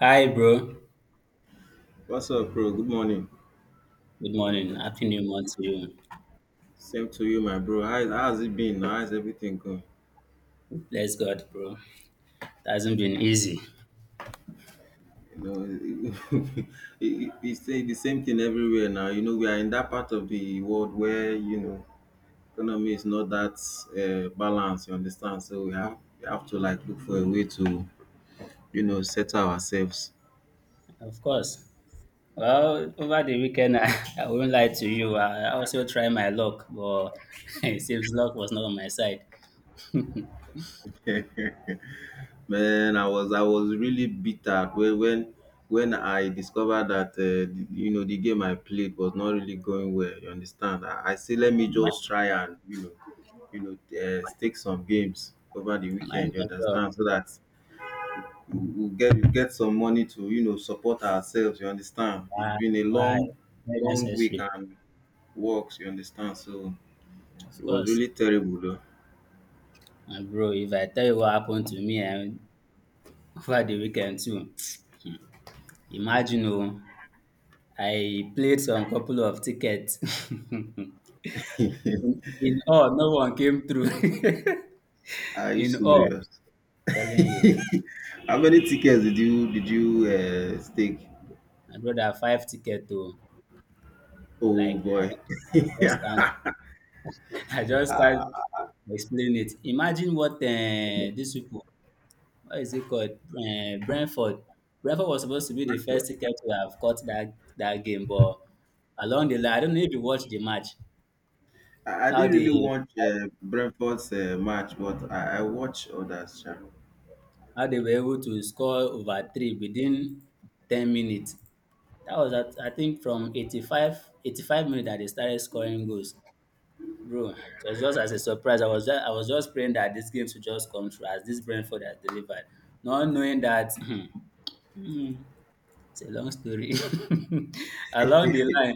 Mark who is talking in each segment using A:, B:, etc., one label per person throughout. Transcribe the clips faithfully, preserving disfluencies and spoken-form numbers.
A: Hi, bro.
B: What's up, bro? Good morning.
A: Good morning. Happy New Month to you.
B: Same to you, my bro. How, how's it been now? How's everything going?
A: Bless God, bro. It hasn't been easy.
B: You know, it, it, it's the the same thing everywhere now. You know, we are in that part of the world where you know economy is not that uh, balanced. You understand? So we have we have to like look for a way to you know settle ourselves.
A: Of course. Well, over the weekend, I, I won't lie to you. I, I also tried my luck, but it seems luck was not on my side. mine,
B: Man, I was I was really bitter when when when I discovered that uh, the- you know the game I played was not really going well. You understand? I, I say let me
A: mine
B: just try and you know you know uh, stake some games over the
A: as
B: weekend. You
A: well.
B: understand? So that we we'll get we get some money to you know support ourselves. You understand? It's
A: Why?
B: been a
A: Why?
B: long
A: Very
B: long week
A: necessary.
B: and works. You understand? So it
A: Of
B: was
A: course.
B: really terrible. Though.
A: And bro, if I tell you what happened to me and over the weekend too, imagine oh, I played some couple of tickets. In, in all, no one came through.
B: Are you
A: in all,
B: serious?
A: telling you,
B: How many tickets did you did you uh, stake?
A: I brought a five ticket to
B: Oh
A: like I
B: boy,
A: just can't,
B: yeah.
A: I just can't explain it. Imagine what uh, these people, what is it called? Uh, Brentford. Brentford was supposed to be the
B: Brentford.
A: first ticket to have caught that that game, but along the line, I don't know if you watched the match.
B: I, I
A: How
B: didn't really
A: they
B: watch uh, Brentford's uh, match, but I, I watched others, sha.
A: how they were able to score over three within ten minutes. That was at, I think from eighty five eighty five minutes that they started scoring goals. Bro, it was just as a surprise. I was just I was just praying that this game should just come through as this Brentford has delivered. Not knowing that it's a long story. along the line,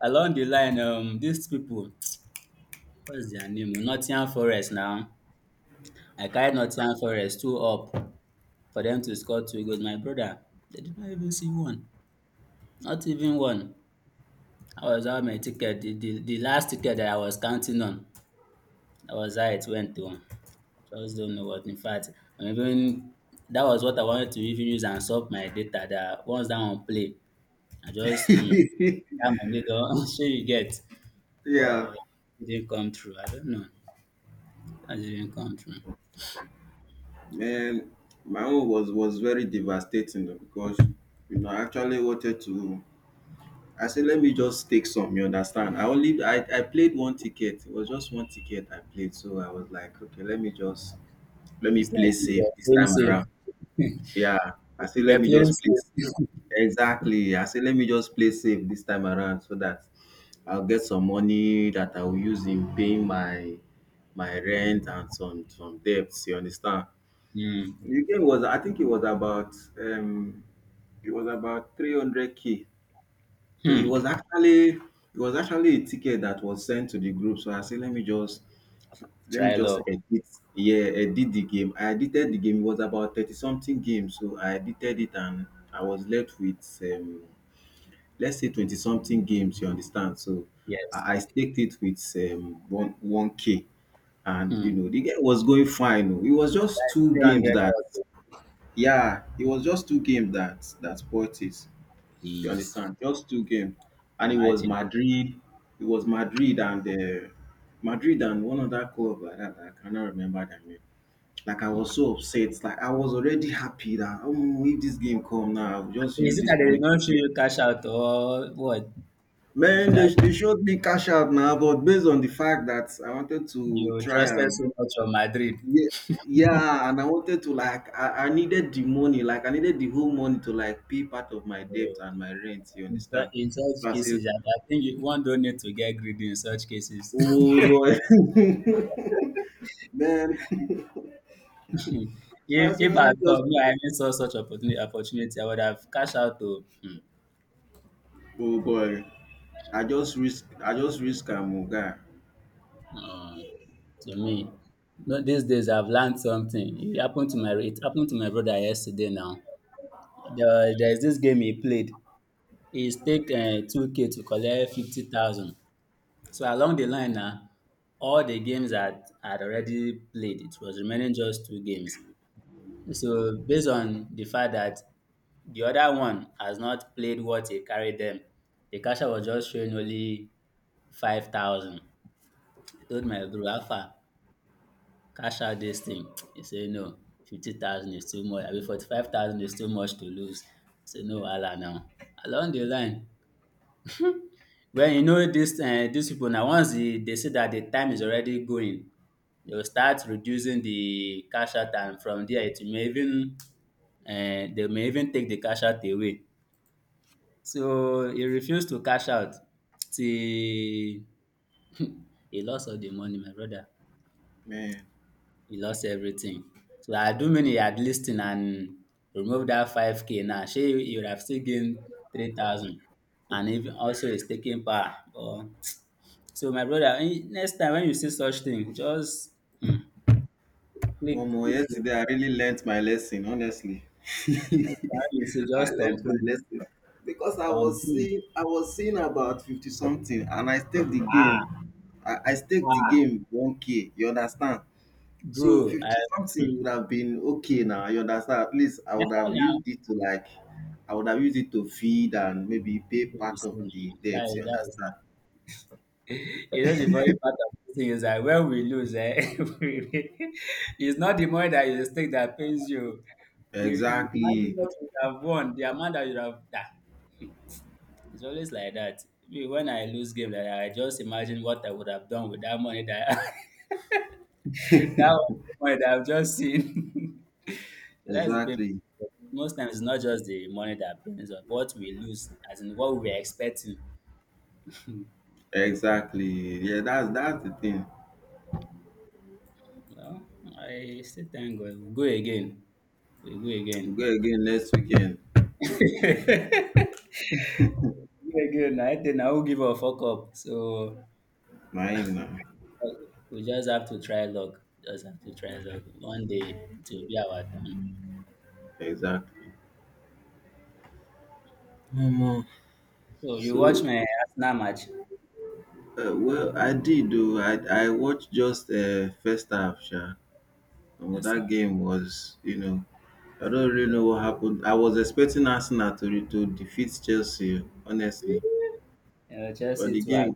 A: along the line, um, these people, what's their name? Nottingham Forest now. I carried Nottingham Forest two up for them to score two goals. My brother, they did not even see one. Not even one. I was out my ticket, the, the, the last ticket that I was counting on. That was how it went to. Just don't know what. In fact, I'm even that was what I wanted to even use and sort my data that once that one play, I just mm, that money don sure you get.
B: Yeah,
A: But it didn't come true. I don't know. That didn't come true.
B: man, my own was was very devastating though, because you know I actually wanted to. I said, let me just take some. You understand? I only I, I played one ticket. It was just one ticket I played, so I was like, okay, let me just let me
A: It's
B: play
A: like you
B: safe
A: were
B: this
A: playing
B: time
A: safe.
B: around.
A: you
B: Yeah, I say let
A: were
B: me
A: playing
B: just play safe.
A: safe.
B: Exactly. I say let me just play safe this time around so that I'll get some money that I will use in paying my my rent and some some debts. You understand?
A: Mm.
B: The game was I think it was about um it was about three hundred k, so it
A: Hmm.
B: was actually it was actually a ticket that was sent to the group. So I said, let me just let me
A: Try
B: just
A: luck.
B: edit. Yeah, edit the game. I edited the game. It was about thirty something games. So I edited it and I was left with um, let's say twenty something games. You understand? So
A: Yes.
B: I, I staked it with um, one one k. And you
A: Hmm.
B: know the game was going fine, oh. It was just
A: That's
B: two games
A: three hundred
B: that
A: auto.
B: yeah, it was just two games that that spoilt it. You
A: Please.
B: understand? Just two games, and it was
A: Imagine.
B: Madrid. It was Madrid and uh, Madrid and one other club like that. I cannot remember their name. Like I was so upset. Like I was already happy that oh, if this game come now, I'll just
A: Is
B: use
A: it that
B: this
A: they
B: money
A: did
B: to
A: not show
B: save."
A: you cash out or what? You
B: Man,
A: should have
B: they, they showed me cash out now, but based on the fact that I wanted to
A: you
B: try
A: trusted
B: and
A: so much on Madrid.
B: yeah, yeah, and I wanted to like I, I needed the money, like I needed the whole money to like pay part of my
A: Yeah.
B: debt and my rent. You
A: In,
B: understand?
A: su- in
B: So
A: such
B: I said,
A: cases, I, I think you, one don't need to get greedy in such cases.
B: oh boy. Man, so
A: if
B: I said,
A: if
B: let
A: I
B: me just.
A: thought me, I even saw such opportunity, opportunity, I would have cashed out to hmm,
B: Oh boy, I just risk. I just risk a am.
A: um, to me. No, these days I've learned something. It happened to my it happened to my brother yesterday. Now there, there's this game he played. He's take uh, two k to collect fifty thousand. So along the line now, all the games had had already played. It was remaining just two games. So based on the fact that the other one has not played what he carried them, the casher was just showing only five thousand. I told my bro, Alpha, cash out this thing. He said, no, fifty thousand is too much. I mean, forty-five thousand is too much to lose. I said, no, Allah now. Along the line, when you know this, uh, these people now, once they, they see that the time is already going, they will start reducing the cash out and from there it may even and they may even take the cash out away. So he refused to cash out till he lost all the money, my brother.
B: Man,
A: He lost everything. So I do mean he had listened and removed that five k now. She he would have still gained three thousand. And even also he's taking power. But so my brother, eh, next time when you see such thing, just mm,
B: one
A: click,
B: more
A: click it.
B: yesterday, I really learnt my lesson. Honestly,
A: Next time you see,
B: I
A: just
B: learnt my
A: thumbprint,
B: lesson because I was
A: thumbprint.
B: seeing. I was seeing about fifty something, and I staked the game.
A: Ah,
B: I, I staked the
A: ah,
B: game one k. You understand? So
A: bro, I,
B: fifty something
A: hmm.
B: would have been okay now. You understand? At least I
A: Yeah,
B: would have
A: now
B: used it to like. I would have used it to feed and maybe pay
A: to
B: part of
A: see
B: the
A: that
B: debts.
A: is
B: You
A: that is.
B: understand?
A: You know the funny part of this thing is that when we lose, eh, we- it's not the money that you mistake that pays you. You, you imagine
B: Exactly.
A: what you would have won, the amount that you would have. That. Hmm, it's always like that. Me, when I lose game, like, I just imagine what I would have done with that money that that was the money that I've just seen. That's the pain.
B: Exactly,
A: Most times, it's not just the money that pains us, but what we lose, as in what we were expecting.
B: exactly. Yeah, that's that's the thing.
A: Well, I still thank God. We go again. We go
B: We go
A: again.
B: again next weekend.
A: go again. I think I will give a fuck up. So
B: Mine now.
A: uh, we just have to try luck. Just have to try luck. One day it will be our turn.
B: Exactly. Omo.
A: So you watch
B: So,
A: my Arsenal match?
B: uh, well, I did though. I I watched just uh, first half, sha. And
A: Yes, sir.
B: that game was, you know, I don't really know
A: Yeah.
B: what happened. I was expecting Arsenal to re- to defeat Chelsea, honestly.
A: Yeah,
B: But
A: Chelsea
B: the
A: two out.
B: game,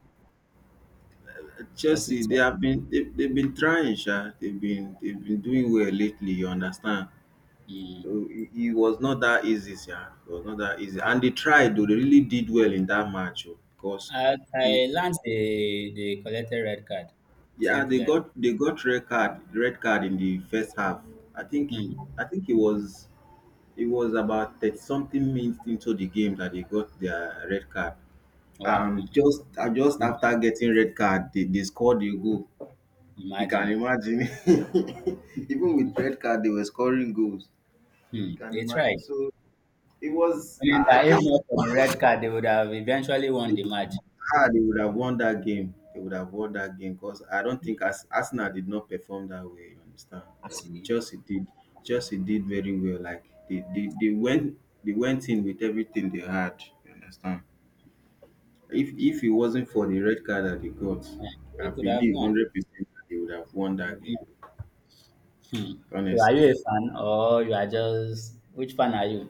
A: Chelsea
B: Chelsea,
A: two
B: they have
A: out.
B: been they, they've been trying, sha. They've been they've been doing well lately. You understand?
A: Mm.
B: It it was not that easy sha. It was not that easy. And they tried oh. They really did well in that match oh because
A: I,
B: you
A: I learned they, they collected red card.
B: yeah,
A: Something
B: they
A: like
B: got they got red card red card in the first half. I think
A: hmm.
B: I think it was it was about thirty something minutes into the game that they got their red card.
A: Wow.
B: Um, just uh, just
A: See,
B: after getting red card, they, they scored a goal. You can
A: imagine.
B: imagine. Even with red card, they were scoring goals. You
A: Hmm.
B: can
A: They
B: imagine.
A: tried.
B: So it was
A: Meaning
B: I I
A: that if
B: think.
A: not for the red card, they would have eventually won the match.
B: Ah, they would have won that game. They would have won that game because I don't think
A: See,
B: Ars- Arsenal did not perform that way. You understand? Uh,
A: see,
B: Chelsea did. Chelsea did very well. Like they, they, they went they went in with everything they had. You understand? If if it wasn't for the red card that they got,
A: eh,
B: I
A: they could have
B: believe
A: won.
B: hundred percent they would have
A: They
B: won
A: could have
B: that game.
A: won. Hmm. So,
B: Honest.
A: are you a fan or you are just which fan are you?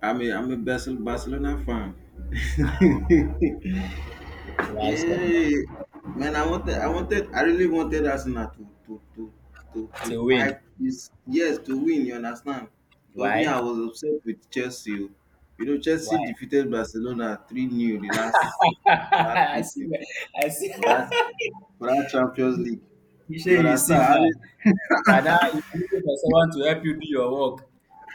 B: I'm a I'm a Basel- Barcelona fan.
A: Why so
B: Hey, man, I wanted, I wanted, I really wanted Arsenal to to to to
A: much?
B: to
A: To win?
B: pipe this. Yes, to win. You understand? Because me,
A: Why?
B: I was upset with Chelsea, oh. You know, Chelsea
A: Why?
B: defeated Barcelona three nothing the last last
A: I see.
B: meeting
A: I see.
B: for that for that Champions League.
A: you say
B: You
A: you see
B: understand? And
A: now.
B: it,
A: And now you are looking for someone to help you do your work.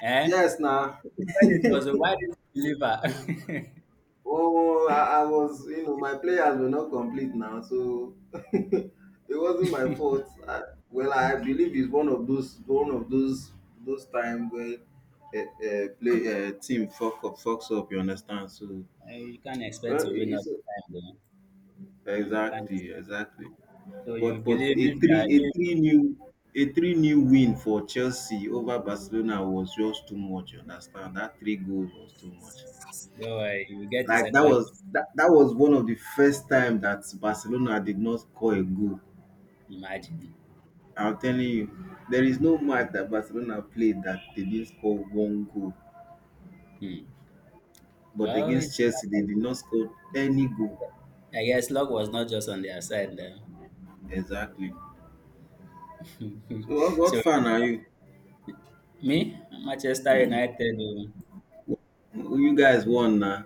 A: Eh?
B: yes, now.
A: When it was a why didn't you deliver?
B: Oh, I, I was, you know, my players were not complete now, so it wasn't my fault. I, well, I believe it's one of those, one of those, those times where a, a play a team fuck up, fucks up. You understand? So,
A: Eh, you can't expect
B: well, it-
A: to win all the
B: it's
A: time, though. You can't.
B: exactly, exactly.
A: So
B: But
A: you
B: but
A: believe
B: a
A: if you
B: three, a
A: are
B: three new, a three new win for Chelsea over Barcelona was just too much. You understand? That three goals was too much.
A: don't worry, you will get a
B: Like that
A: second.
B: was that, that was one of the first time that Barcelona did not score a goal.
A: Imagine.
B: I'm telling you, there is no match that Barcelona played that they didn't score one goal.
A: Hmm.
B: But
A: Well,
B: against Chelsea, they did not score any goal.
A: I guess luck was not just on their side then.
B: Exactly. So what, what
A: so
B: fan are you?
A: me, Manchester United oh.
B: Who You guys won now.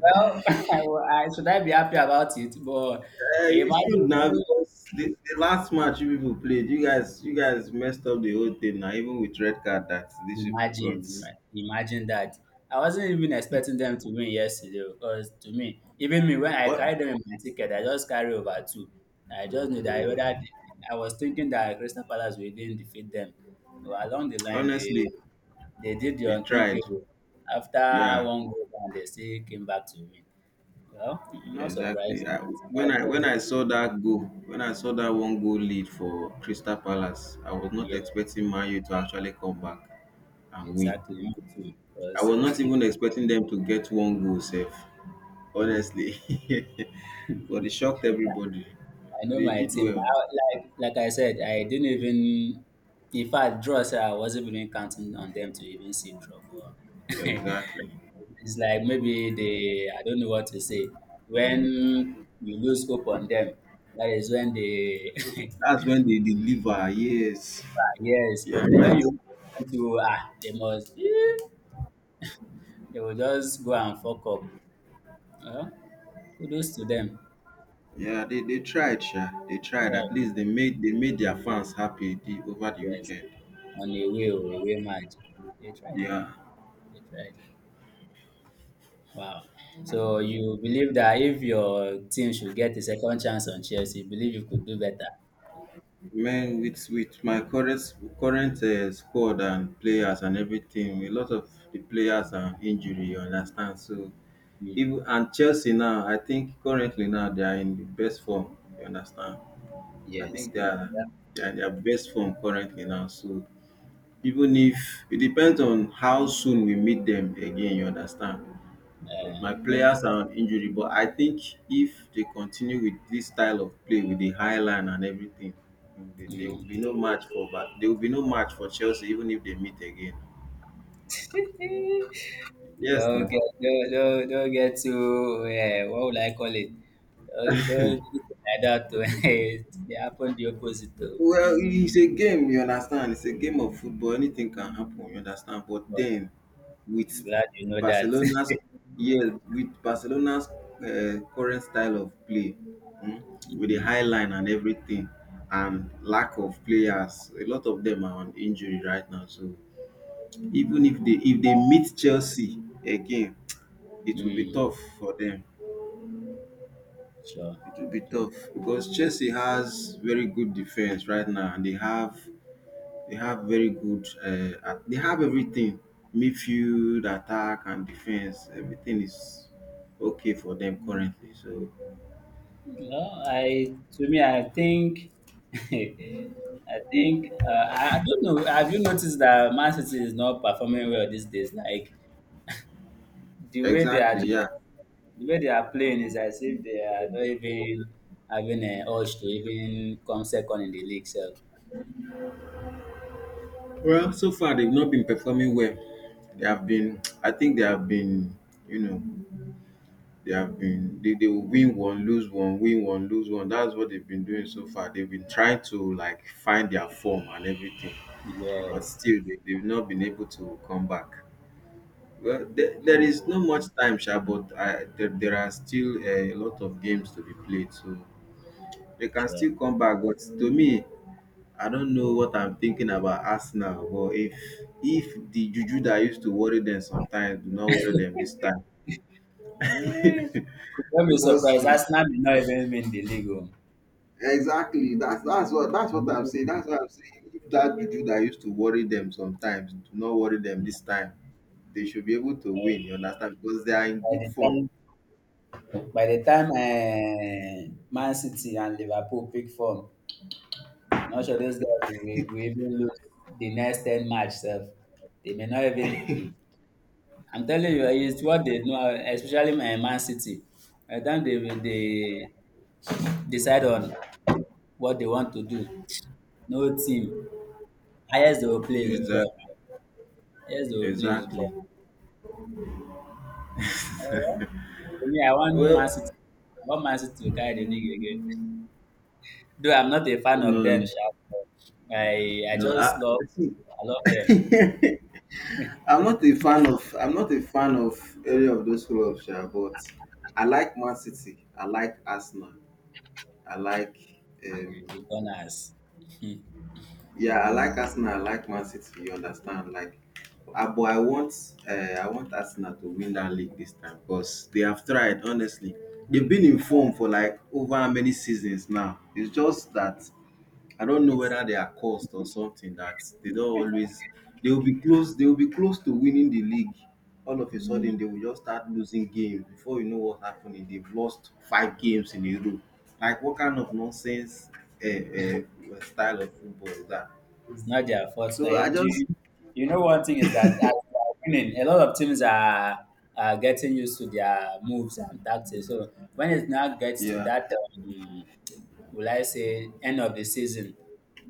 A: Well, I, will- I- should I be happy about it? But
B: Eh,
A: I
B: you should
A: imagine
B: now because the, the last match you people played, you guys you guys messed up the whole thing now, even with red card that these people
A: imagine,
B: got.
A: ima imagine that. I wasn't even expecting them to win yesterday because to me, even me, when I
B: But
A: carried them in my ticket, I just carry over two. I just knew that whether they, I was thinking that Crystal Palace will even defeat them. But along the line, they
B: honestly,
A: they did the
B: they tried.
A: unthinkable. After
B: Yeah.
A: one goal down, they still came back to win. Well,
B: Yeah,
A: not
B: exactly.
A: surprised.
B: I, when I when I saw that goal, when I saw that one goal lead for Crystal Palace, I was not
A: Yeah,
B: expecting Man U to actually come back and win.
A: exactly. Me too.
B: I was
A: Because
B: not even expecting them to get one goal safe, honestly. But it shocked everybody.
A: I know
B: They
A: my
B: did
A: team.
B: well.
A: I, like like I said, I didn't even. In fact, draws I wasn't even counting on them to even see draw. But
B: Exactly.
A: it's like maybe they. I don't know what to say. When you lose hope on them, that is when they.
B: That's when they deliver. Yes.
A: yes,
B: Yeah.
A: but when
B: Right.
A: you want to ah, they must. eh, they will just go and fuck up. Uh, kudos to them.
B: Yeah. They, they tried. Sha. They tried.
A: Yeah,
B: At least they made they made their fans happy the, over the
A: yes.
B: weekend.
A: On a way, oh, a way match. They tried.
B: Yeah.
A: They tried. Wow. So you believe that if your team should get a second chance on Chelsea, you believe you could do better?
B: Man, with with my current current uh, squad and players and everything, a lot of the players are injury. You understand? So
A: Mm.
B: even and Chelsea now, I think currently now they are in the best form. You understand? I
A: Yes,
B: think they
A: yes.
B: are they are in their best form currently now. So even if it depends on how soon we meet them again. You understand?
A: Uh,
B: My
A: that,
B: players are on injury, but I think if they continue with this style of play with the high line and everything, mm, there there will be
A: mm.
B: no match for But there will be no match for Chelsea even if they meet again. Yes,
A: Don't
B: now.
A: get don't, don't, don't get too uh, what would I call it? Don't, don't do it like that. To, it happened the opposite. To,
B: Well, it's a game, you understand? It's a game of football. Anything can happen, you understand? But
A: but
B: then, with
A: I'm glad you know that.
B: Barcelona's yeah, with Barcelona's uh, current style of play, mm, with the high
A: mm,
B: line and everything, and lack of players, a lot of them are on injury right now. So even if they if they meet Chelsea again, it will be
A: mm,
B: tough for them.
A: sure.
B: It will be tough because Chelsea has very good defense right now, and they have They have very good. Uh, at- they have everything: midfield, attack, and defense. Everything is okay for them currently. So
A: No, I to me, I think, I think, uh, I I don't know. Have you noticed that Man City is not performing well these days? Like the way they are,
B: exactly,
A: just,
B: yeah.
A: the way they are playing is as if they are not even having a urge to even come second in the league. So
B: Well, so far they've not been performing well. They have been. I think they have been. You know, they have been. They, they will win one, lose one, win one, lose one. That's what they've been doing so far. They've been trying to like find their form and everything, but
A: yes,
B: still they, they've not been able to come back. Well, there, there
A: hmm,
B: is not much time, sha, but I, there, there are still uh, a lot of games to be played, so they can
A: sure.
B: still come back. But to me, I don't know what I'm thinking about Arsenal. But if if the juju that used to worry them sometimes do not worry them this time,
A: Eh, don't be
B: because
A: surprised.
B: hmm,
A: Arsenal may not even win the league oh.
B: exactly that's that's what that's what I'm saying.
A: Hmm,
B: That's what I'm saying. If that juju that used to worry them sometimes do not worry them
A: by
B: this time, they should be able to win. You understand? Because they are in good
A: the
B: form.
A: time by the time um Man City and Liverpool pick form, not sure those guys will, e-, will even lose the next ten match sef. They may not even hmm. I'm telling you it's what they know especially my Man City. By the time they will they decide on what they want to do, no team highest they will play is draw.
B: Exactly.
A: Highest they will play is draw.
B: Exactly.
A: Um to me I want Man City
B: Well,
A: I want Man City to carry the league again. Though I'm not a fan of
B: No,
A: them,
B: no.
A: sha, but I I
B: no.
A: just
B: I
A: love
B: see.
A: I love them.
B: I'm not a fan of. I'm not a fan of any of those clubs, yeah, but I like Man City. I like Arsenal. I like.
A: The,
B: Um,
A: the Gunners.
B: yeah, I like Arsenal. I like Man City. You understand? Like, I, but I want. Uh, I want Arsenal to win that league this time because they have tried. Honestly, they've been in form for like over how many seasons now. It's just that I don't know
A: it's
B: whether they are cursed or something that they don't always they will be close they will be close to winning the league. All of a sudden they will just start losing games before you know what happening. They've lost five games in a row. Like what kind of nonsense uh, uh, style of football is that?
A: It's not their fault. Now,
B: So I
A: and
B: just
A: you, you know, one thing is that as they are winning, a lot of teams are, are getting used to their moves and tactics. So when it now gets to
B: yeah
A: that, um, will I say, end of the season,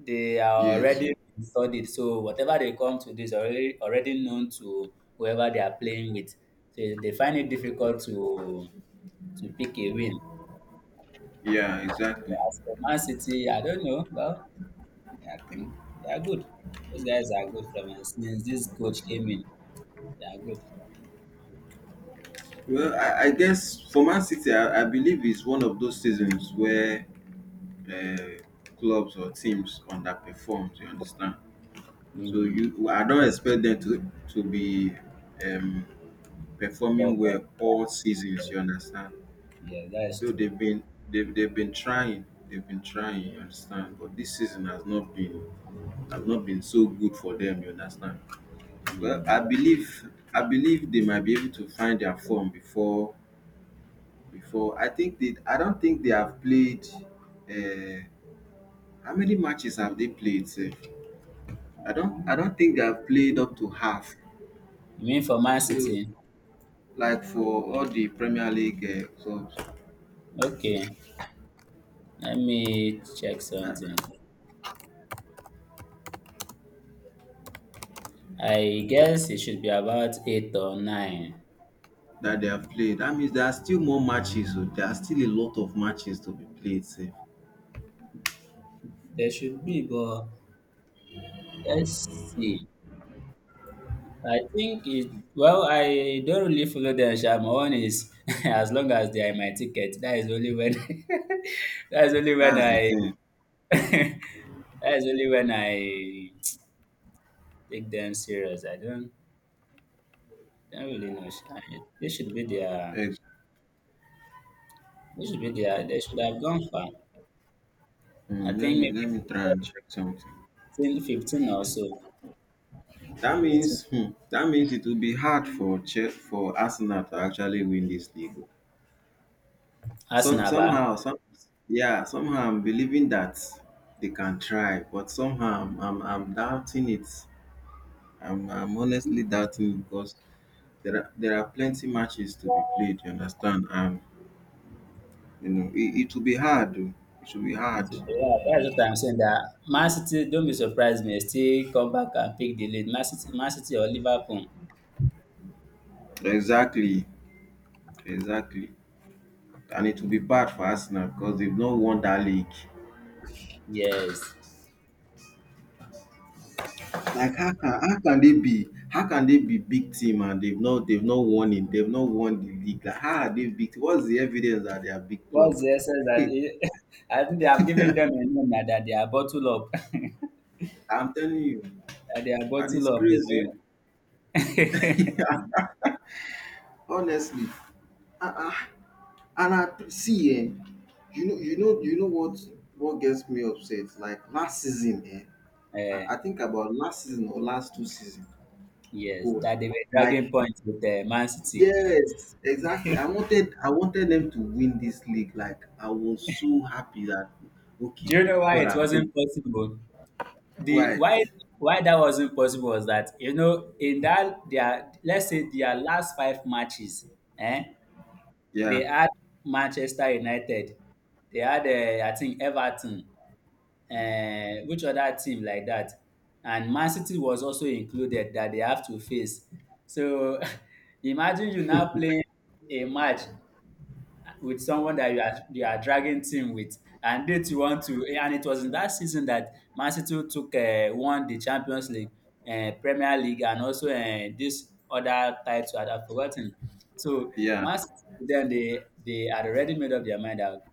A: they are
B: yes
A: already been studied. So whatever they come to this already already known to whoever they are playing with. So they find it difficult to to pick a win.
B: Yeah, exactly.
A: As for Man City, I don't know. Well, I think they are good. Those guys are good from since this coach came in. They are good.
B: Well I, I guess for Man City I, I believe it's one of those seasons where uh, clubs or teams underperform. You understand? So
A: Mm.
B: you, I don't expect them to to be performing
A: Top all
B: well all
A: the
B: seasons.
A: time.
B: You understand?
A: Yeah, that is
B: Though
A: true.
B: they've been they've, they've been trying, they've been trying. You understand? But this season has not been has not been so good for them. You understand? Well, I
A: Mm.
B: believe I believe they might be able to find their form before before. I think they. I don't think they have played. Uh, how many matches have they played, sef? I don't. I don't think they have played up to half.
A: You mean for Man
B: So
A: City?
B: like for all the Premier League uh, clubs
A: Okay, let me check something. I guess it should be about eight or nine.
B: that they have played. That means there are still more matches, oh. There are still a lot of matches to be played. Safe.
A: There should be, but let's see. I think it. Well, I don't really follow them. Sha. My one is as long as they are in my ticket. That is only when. that's only when
B: That's the
A: I
B: thing.
A: That's only when I take them serious. I don't, don't really know. Sha. They should be there.
B: Ex-
A: they should be there. They should have gone far.
B: mm,
A: I
B: Let
A: think
B: me let
A: maybe
B: me try and check something.
A: fifteen, fifteen or so.
B: That
A: fifteen.
B: means hmm, that means it will be hard for che- for Arsenal to actually win this league. Some
A: Arsenal, ba?
B: somehow some Yeah, somehow I'm believing that they can try, but somehow I'm I'm, I'm doubting it. I'm, I'm honestly doubting it because there are there are plenty matches to be played, you understand? And you know, it, it will be hard, oh. It will be hard.
A: Fifteen. Yeah, that's what I'm saying, that Man City, don't be surprised, may still come back and pick the lead. Man City, Man City or Liverpool.
B: Exactly, exactly. And it will be bad for Arsenal because they've not won that league.
A: Yes.
B: Like how can how can they be how can they be big team and they've not they've not won it, they've not won the league? Like how are they big? What's the evidence that they are big club?
A: What's the essence that they? I think they have given them a name now that they are bottled up.
B: I'm telling you,
A: That they are
B: and it's
A: bottled up.
B: crazy.
A: They,
B: Honestly, uh-uh. And I see, eh, you know, you know, you know what what gets me upset? Like last season, eh,
A: uh,
B: I, I think about last season or last two season.
A: yes,
B: Go,
A: that they were
B: like
A: dragging points with uh, Man City.
B: yes, exactly. I wanted I wanted them to win this league. Like I was so happy that
A: Do
B: okay,
A: you know why
B: God
A: it
B: I beg.
A: wasn't possible? The
B: Why?
A: why why that wasn't possible was that, you know, in that their, let's say, their last five matches, eh, they
B: Yeah,
A: had Manchester United, they had uh, I think Everton, uh, which other team like that, and Man City was also included that they have to face. So imagine you now playing a match with someone that you are you are dragging team with, and yet you want to. And it was in that season that Man City took uh, won the Champions League, uh, Premier League, and also uh, this other title I'd have forgotten. So
B: yeah,
A: Man City, then they they had already made up their mind that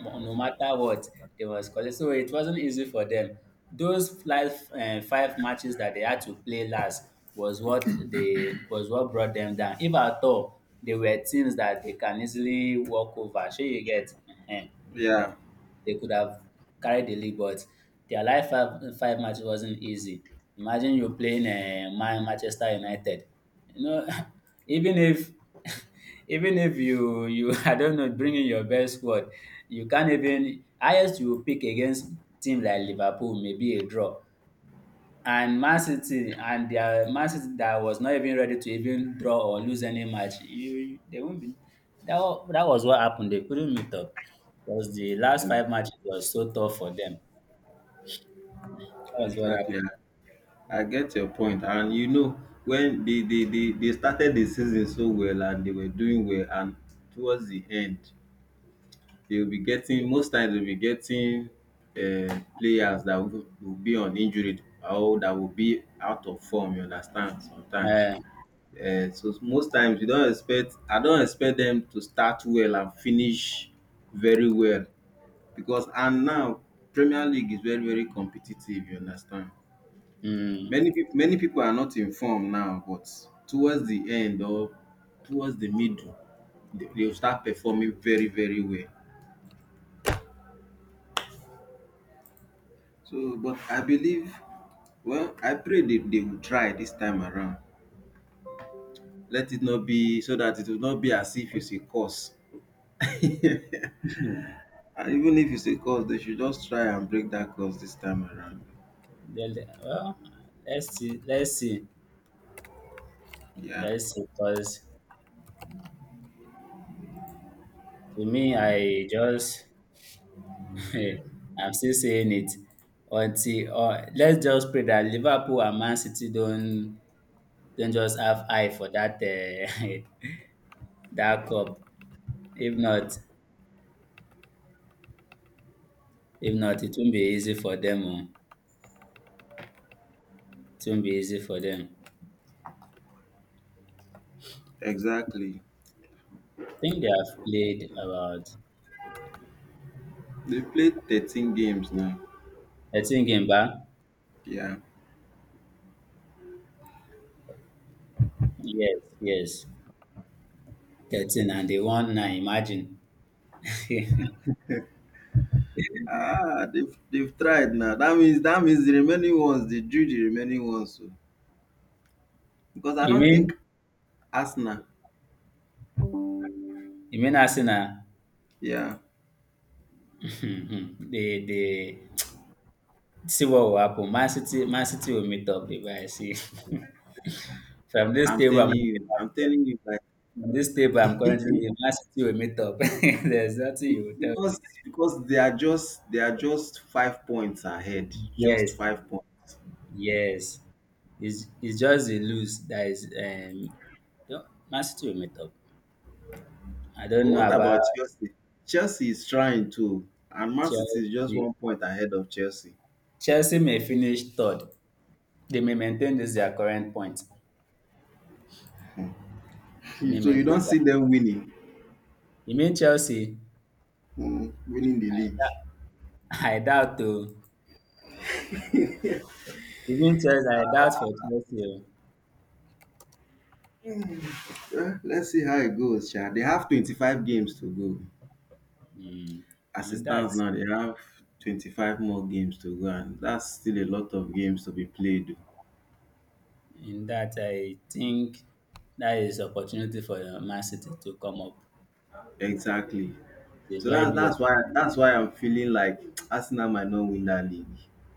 A: mo- no matter what they was calling. So it wasn't easy for them. Those last uh, five matches that they had to play last was what they was what brought them down. If at all, they were teams that they can easily walk over. Sure, you get. Ehen,
B: yeah.
A: they could have carried the league, but their life five, five match wasn't easy. Imagine you're playing uh, Man Manchester United. You know, even if even if you you I don't know, bring in your best squad, you can't even highest you pick against team like Liverpool, maybe a draw. And Man City, and their Man City that was not even ready to even draw or lose any match, you they won't be. That wa- that was what happened. They couldn't meet up. Because the last five matches was so tough for them. That was what
B: Exactly.
A: happened.
B: I get your point and you know when they they they they started the season so well and they were doing well and towards the end they'll be getting most times they'll be getting um players that will will be on injury or that will be out of form, you understand, sometimes.
A: Uh,
B: Um so most times you not expect I don't expect them to start well and finish very well because, and now Premier League is very, very competitive, you understand.
A: mm,
B: Many people, many people are not informed now, but towards the end or towards the middle, they, they will start performing very, very well. So, but I believe, well, I pray they, they will try this time around. Let it not be so that it will not be as if it's a curse. And even if it's a curse, they should just try and break that curse this time around.
A: Then, well, let's see, let's see,
B: Yeah,
A: let's see. Because to me, I just I'm still saying it until uh, let's just pray that Liverpool and Man City don't don't just have eye for that uh, that cup. If not, if not, it won't be easy for them. Oh. It won't be easy for them.
B: exactly.
A: I think they have played about
B: They played thirteen games now.
A: thirteen game back.
B: Yeah.
A: Yes, yes. thirteen and they won nine, imagine. you
B: Ah, they've they've tried now. That means that means the remaining ones they drew the remaining ones. So. Because I don't
A: mean
B: think Arsenal.
A: you mean Arsenal?
B: Yeah,
A: they they see what will happen. Man City Man City will meet up the guy. See from this
B: I'm
A: table
B: telling
A: I'm looking
B: you,
A: at
B: I'm
A: here,
B: telling you, like
A: from this table I'm currently Man City will meet up. There's nothing
B: be-
A: you will tell me.
B: because because they are just they are just five points ahead, just
A: Yes,
B: five points.
A: yes. It's, it's just a lose that is um don't Man City will meet up. I
B: But
A: don't know
B: what
A: about
B: about Chelsea? Chelsea is trying to, and Man City is just
A: Chelsea.
B: one point ahead of Chelsea.
A: Chelsea may finish third. They may maintain this their current point. They
B: You-
A: may
B: So you
A: maintain
B: don't
A: that.
B: see them winning,
A: You mean Chelsea?
B: mm, winning the league.
A: I doubt too. Even Chelsea, I doubt for Chelsea. Oh.
B: Eh, let's see how it goes, Sha. They have twenty-five games to go.
A: Mm.
B: As it
A: In that,
B: stands now, they have twenty-five more games to go, and that's still a lot of games to be played.
A: in that, I think that is opportunity for Man City to come up.
B: Exactly.
A: It's
B: So
A: a very
B: that's
A: big.
B: that's why that's why I'm feeling like Arsenal might not win that league.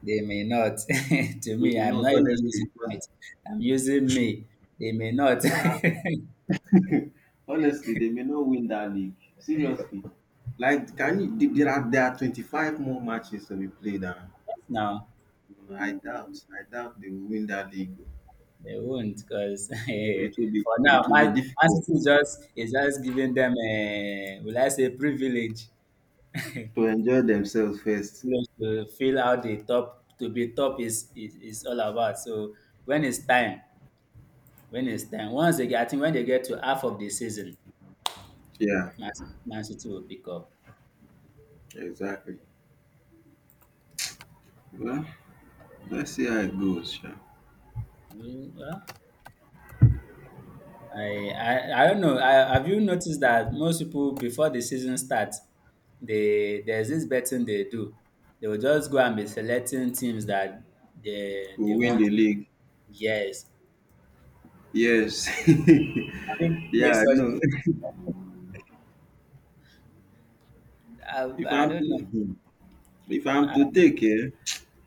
A: They may not. To
B: They
A: me,
B: may
A: I'm
B: not,
A: not even using
B: honestly, because
A: might. I'm using me. They may not.
B: honestly, they may not win that league. Seriously, like can you? th- There are there are twenty-five more matches to be played, and
A: No,
B: I doubt I doubt they will win that league.
A: they won't, because
B: It will be
A: for now,
B: it will be
A: Ma- Man
B: difficult
A: City is just is just giving them a, will I say, privilege, privilege
B: to enjoy themselves first.
A: to feel out the top, to be top is, is is all about. So when it's time, when it's time, once they get, I think when they get to half of the season,
B: Yeah,
A: Man Man City will pick up.
B: exactly. Well, let's see how it goes, sha.
A: Mm. Well, I I I don't know. I, have you noticed that most people before the season starts, they there's this betting they do. They will just go and be selecting teams that they
B: We'll
A: they
B: win
A: want.
B: the league.
A: Yes,
B: Yes.
A: have you played
B: Yeah,
A: such?
B: no.
A: I,
B: If
A: I
B: I'm
A: don't
B: to
A: know.
B: hmm, if I'm to take it,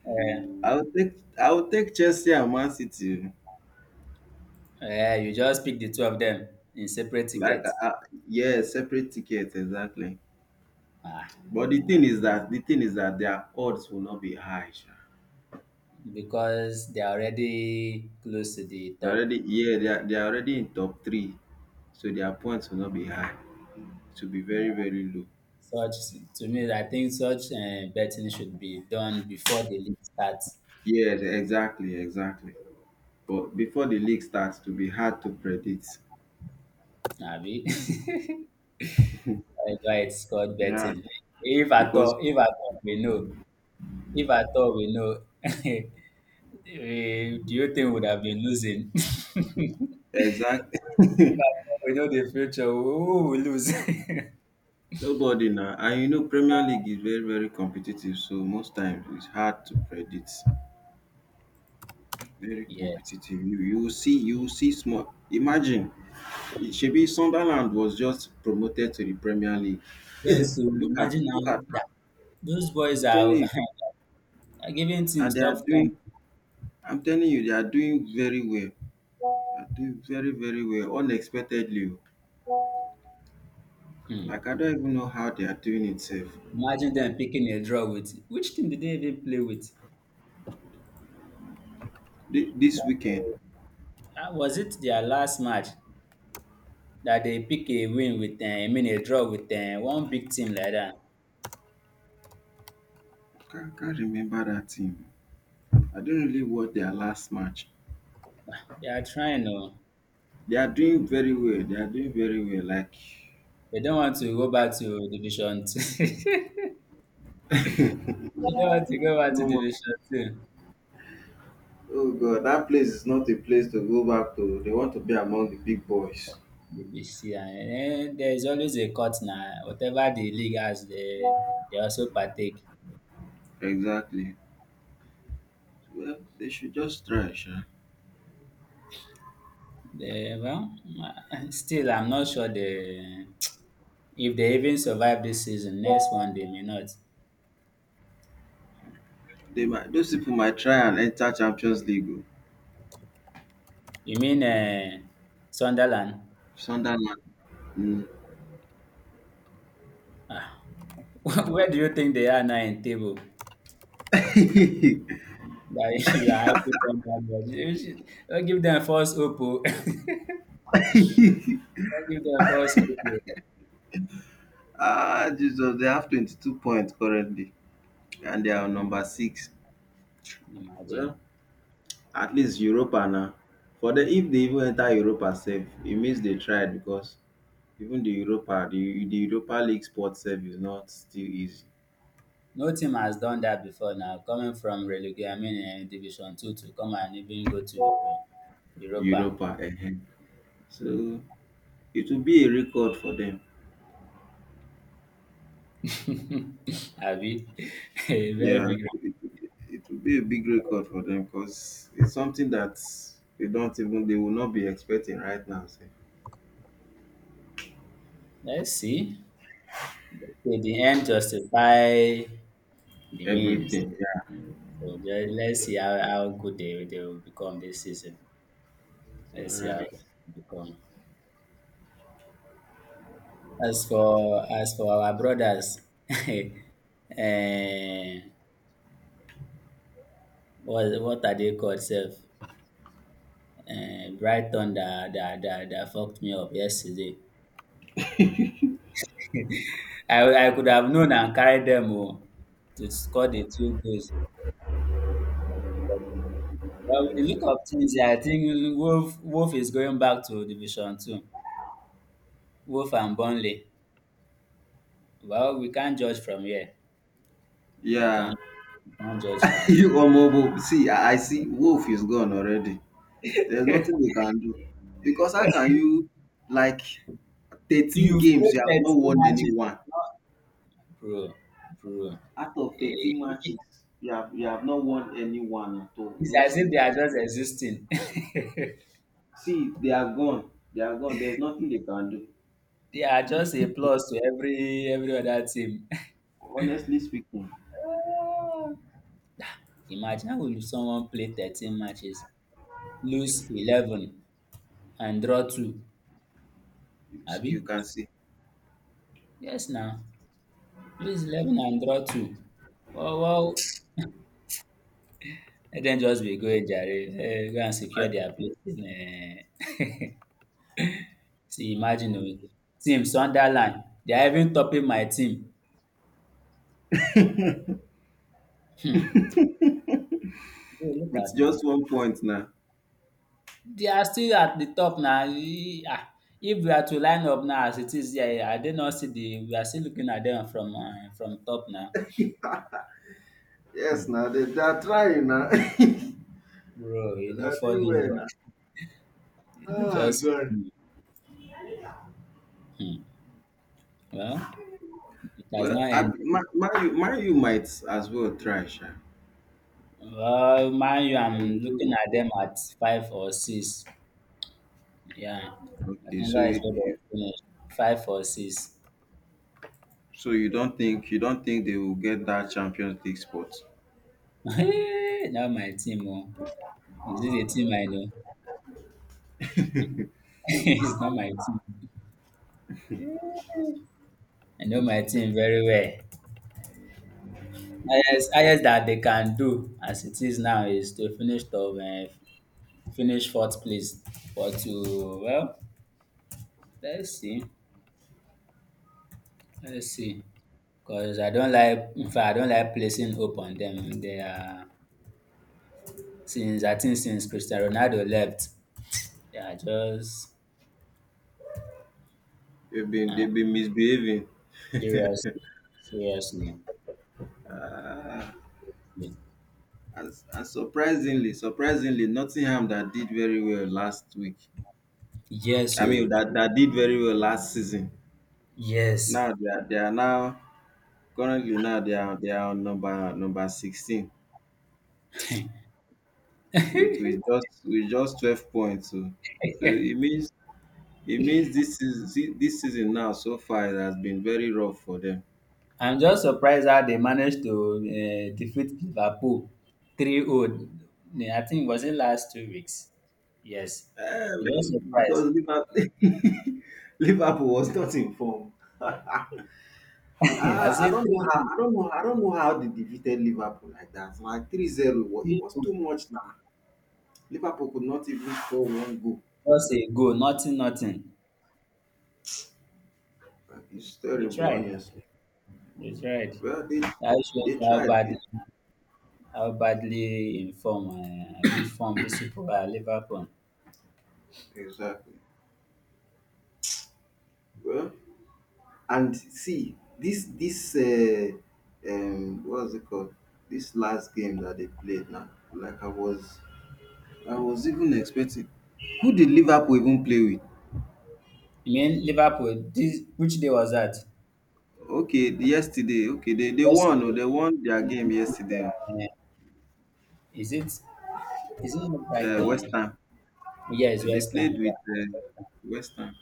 A: Uh,
B: I will take I will take Chelsea and Man City, oh.
A: uh, you just pick the two of them in separate
B: Like,
A: tickets.
B: I I Yes, separate tickets, exactly.
A: Ah,
B: But the thing is that the thing is that their odds will not be high, sha.
A: because they are already close to the
B: They're
A: top.
B: already, yeah, they are they are already in top three, so their points will not be high. To be very, very low.
A: Such, to me, I think such uh, betting should be done before the league starts.
B: Yes, exactly, exactly. But before the league starts, to be hard to predict.
A: Abi? I know it's called
B: Yeah.
A: betting. If at
B: Because
A: all, if at all we know, if at all we know, eh, the whole thing would have been losing. if
B: exactly.
A: at all we know the future, who will lose?
B: Nobody now, and you know Premier League is very, very competitive, so most times it's hard to predict. Very
A: Yes.
B: competitive. you you will see, you will see small imagine. Shebi Sunderland was just promoted to the Premier League.
A: Yes, so
B: Look at
A: imagine now
B: look at
A: that
B: that.
A: those boys
B: I'm telling
A: are,
B: you.
A: are giving
B: And
A: teams
B: they
A: top
B: are
A: ten.
B: doing I'm telling you, they are doing very well. They are doing very, very well, unexpectedly, o. Like
A: Hmm.
B: I don't even know how they are doing it, sef.
A: Imagine them picking a draw with. Which team did they even play with?
B: Thi- this weekend.
A: Uh, was it their last match that they pick a win with uh, I mean a draw with uh, one big team like that?
B: I can't can't remember that team. I don't really watch their last match.
A: They are trying, no.
B: They are doing very well. They are doing very well. Like,
A: They don't want to go back to division two. They don't want to go back to
B: no more-
A: division two.
B: oh God, that place is not a place to go back to. They want to be among the big boys.
A: Division, then there is always a cut now. Whatever the league has, they, they also partake.
B: Exactly. Well, they should just try, sure.
A: They, well, still, I'm not sure they, if they even survive this season. Next one, they may not.
B: They might. Those people might try and enter Champions League, oh.
A: You mean uh, Sunderland?
B: Sunderland. Mm.
A: Where do you think they are now in table? That you are hyping them down. But you should- don't give them false hope. Oh. Don't give them false hope. Oh.
B: Ah, Jesus! They have twenty-two points currently, and they are on number six.
A: Imagine.
B: Well, at least
A: Nice.
B: Europa now. For the if they even enter Europa safe, it means they tried because even the Europa, the the Europa League spot sef is not still easy.
A: No team has done that before now. Coming from relegation, I mean eh, Division Two to come and even go to uh, Europa.
B: Europa, ehen. So it will be a record for them.
A: Abi, a very
B: Yeah,
A: big.
B: it, it will be a big record for them because it's something that they don't even they will not be expecting right now, sef.
A: Let's see. Okay, the end justify the means.
B: Everything.
A: So just, let's see how, how good they, they will become this season.
B: Yeah. All
A: Let's see how they
B: right.
A: become. As for as for our brothers, eh, what what are they called, self? um Brighton that that that dat fucked me up yesterday. I I could have known and carried them oo to score the two goals. But with the look of things, I think Wolf Wolf is going back to division two. Wolf and Burnley. Well, we can't judge from here. You
B: Yeah.
A: can't you can't judge from
B: You Omobo, see, I I see Wolf is gone already. There's
A: here.
B: nothing they can do. Because how can you like thirteen
A: You've
B: games
A: played
B: you have not
A: thirteen
B: won any
A: matches,
B: one?
A: bro bro
B: Out of thirteen
A: It-
B: matches, you have you have not won any one at all.
A: it's
B: No
A: as if they
B: single.
A: are just existing.
B: See, they are gone. They are gone. There's nothing they can do.
A: They are just a plus to every every other team.
B: Honestly speaking,
A: Ah. Imagine will someone play thirteen matches, lose eleven and draw two,
B: you, see,
A: abi?
B: you can see.
A: Yes na, lose eleven and draw two. Wow, wow! Let dem just be going jare, um go and secure
B: Like
A: their place um. See imagine o, team Sunderland, they are even topping my team. um! Look
B: with
A: at now.
B: just one point now.
A: They are still at the top na. Ah, if we are to line up now as it is here, I did not see the we are still looking at them from um from top now,
B: Yes,
A: um
B: now, they, they are trying now. They
A: bro, e no
B: are doing
A: funny
B: well
A: bro.
B: now.
A: O, e no
B: Ah,
A: just
B: God.
A: funny. um Well, it has
B: Well,
A: not
B: I,
A: ended.
B: man, man, you, you might as well try, sha.
A: Well, mind you,
B: They will
A: I'm
B: do
A: looking
B: it.
A: at them at five or six. Yeah, I
B: Okay,
A: think
B: so
A: that is
B: you,
A: what they
B: you,
A: will finish. Five or six.
B: so you don't think you don't think they will get that Champions League spot?
A: Not my team, o. Is this a team I know? It's not my team. I know my team very well. Highest, highest that they can do as it is now is to finish top, uh, finish fourth place. But to, well, let's see, let's see. Cause I don't like, in fact, I don't like placing hope on them. They are, since I think since Cristiano Ronaldo left, they are just
B: They've been, they've been misbehaving.
A: serious, seriously.
B: And and surprisingly, surprisingly, Nottingham that did very well last week.
A: Yes,
B: I mean
A: so
B: that that did very well last season.
A: yes.
B: Now they are they are now currently now they are they are on number number sixteen with with just with just twelve points. So, so it means it means this is this season now so far it has been very rough for them.
A: I'm just surprised how they managed to uh, defeat Liverpool 3-0. I think it was in last two weeks? Yes. I'm just
B: Uh,
A: surprised.
B: because Liverpool Liverpool was not in form.
A: I
B: Ah, I
A: said
B: don't know how
A: 3-0.
B: I don't know, I don't know how they defeated Liverpool like that. Like three zero. 0 wa- It was
A: 3-0.
B: too much now. Liverpool could not even score one goal.
A: Just a goal, nothing, nothing.
B: Like, it's
A: They
B: terrible,
A: tried.
B: honestly.
A: They tried.
B: Well, they
A: That
B: they
A: shows how
B: tried
A: badly,
B: it.
A: how badly informed uh, informed these people are, Liverpool.
B: Exactly. Well, and see this this uh, um what's it called? This last game that they played now. Like I was I was even expecting. Who did Liverpool even play with?
A: I mean, Liverpool, this, which day was that?
B: Okay, yesterday. Okay, they they won, oh.
A: Yesterday.
B: They won their game yesterday.
A: Uh, Is it, is it
B: Uh, West
A: Brighton?
B: Ham.
A: Yes,
B: Uh, They
A: West Ham.
B: played with uh,
A: Yeah.
B: West Ham.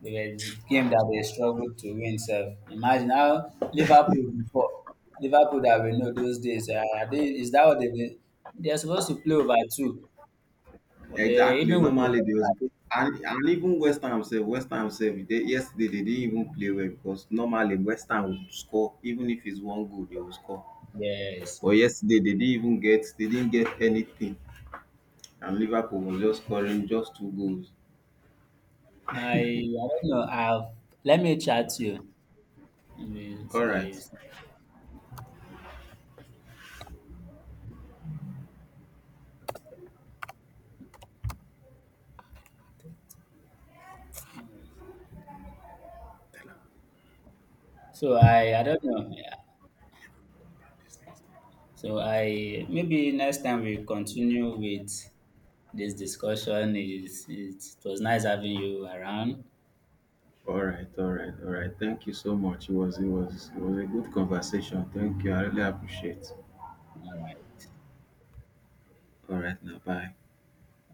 A: They were the game that they struggled to win self. Imagine how Liverpool before. Liverpool that we know those days. Uh, are they, is that what they they- they're supposed to play over two? But they
B: Exactly.
A: even with the
B: Normally they was, and and even West Ham sef, West Ham sef, they yesterday they didn't even play well because normally West Ham would score even if it's one goal they will score.
A: yes.
B: But yesterday they didn't even get they didn't get anything, and Liverpool was just scoring just two goals.
A: I I don't know. I've, let me chat to you maybe so
B: All
A: that
B: right.
A: you see. So I I don't know. Yeah. So I, maybe next time we continue with this discussion. Is it, it was nice having you around.
B: All right, all right, all right. Thank you so much. It was it was it was a good conversation. Thank you. I really appreciate.
A: All right.
B: All right now. Bye.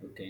A: Okay.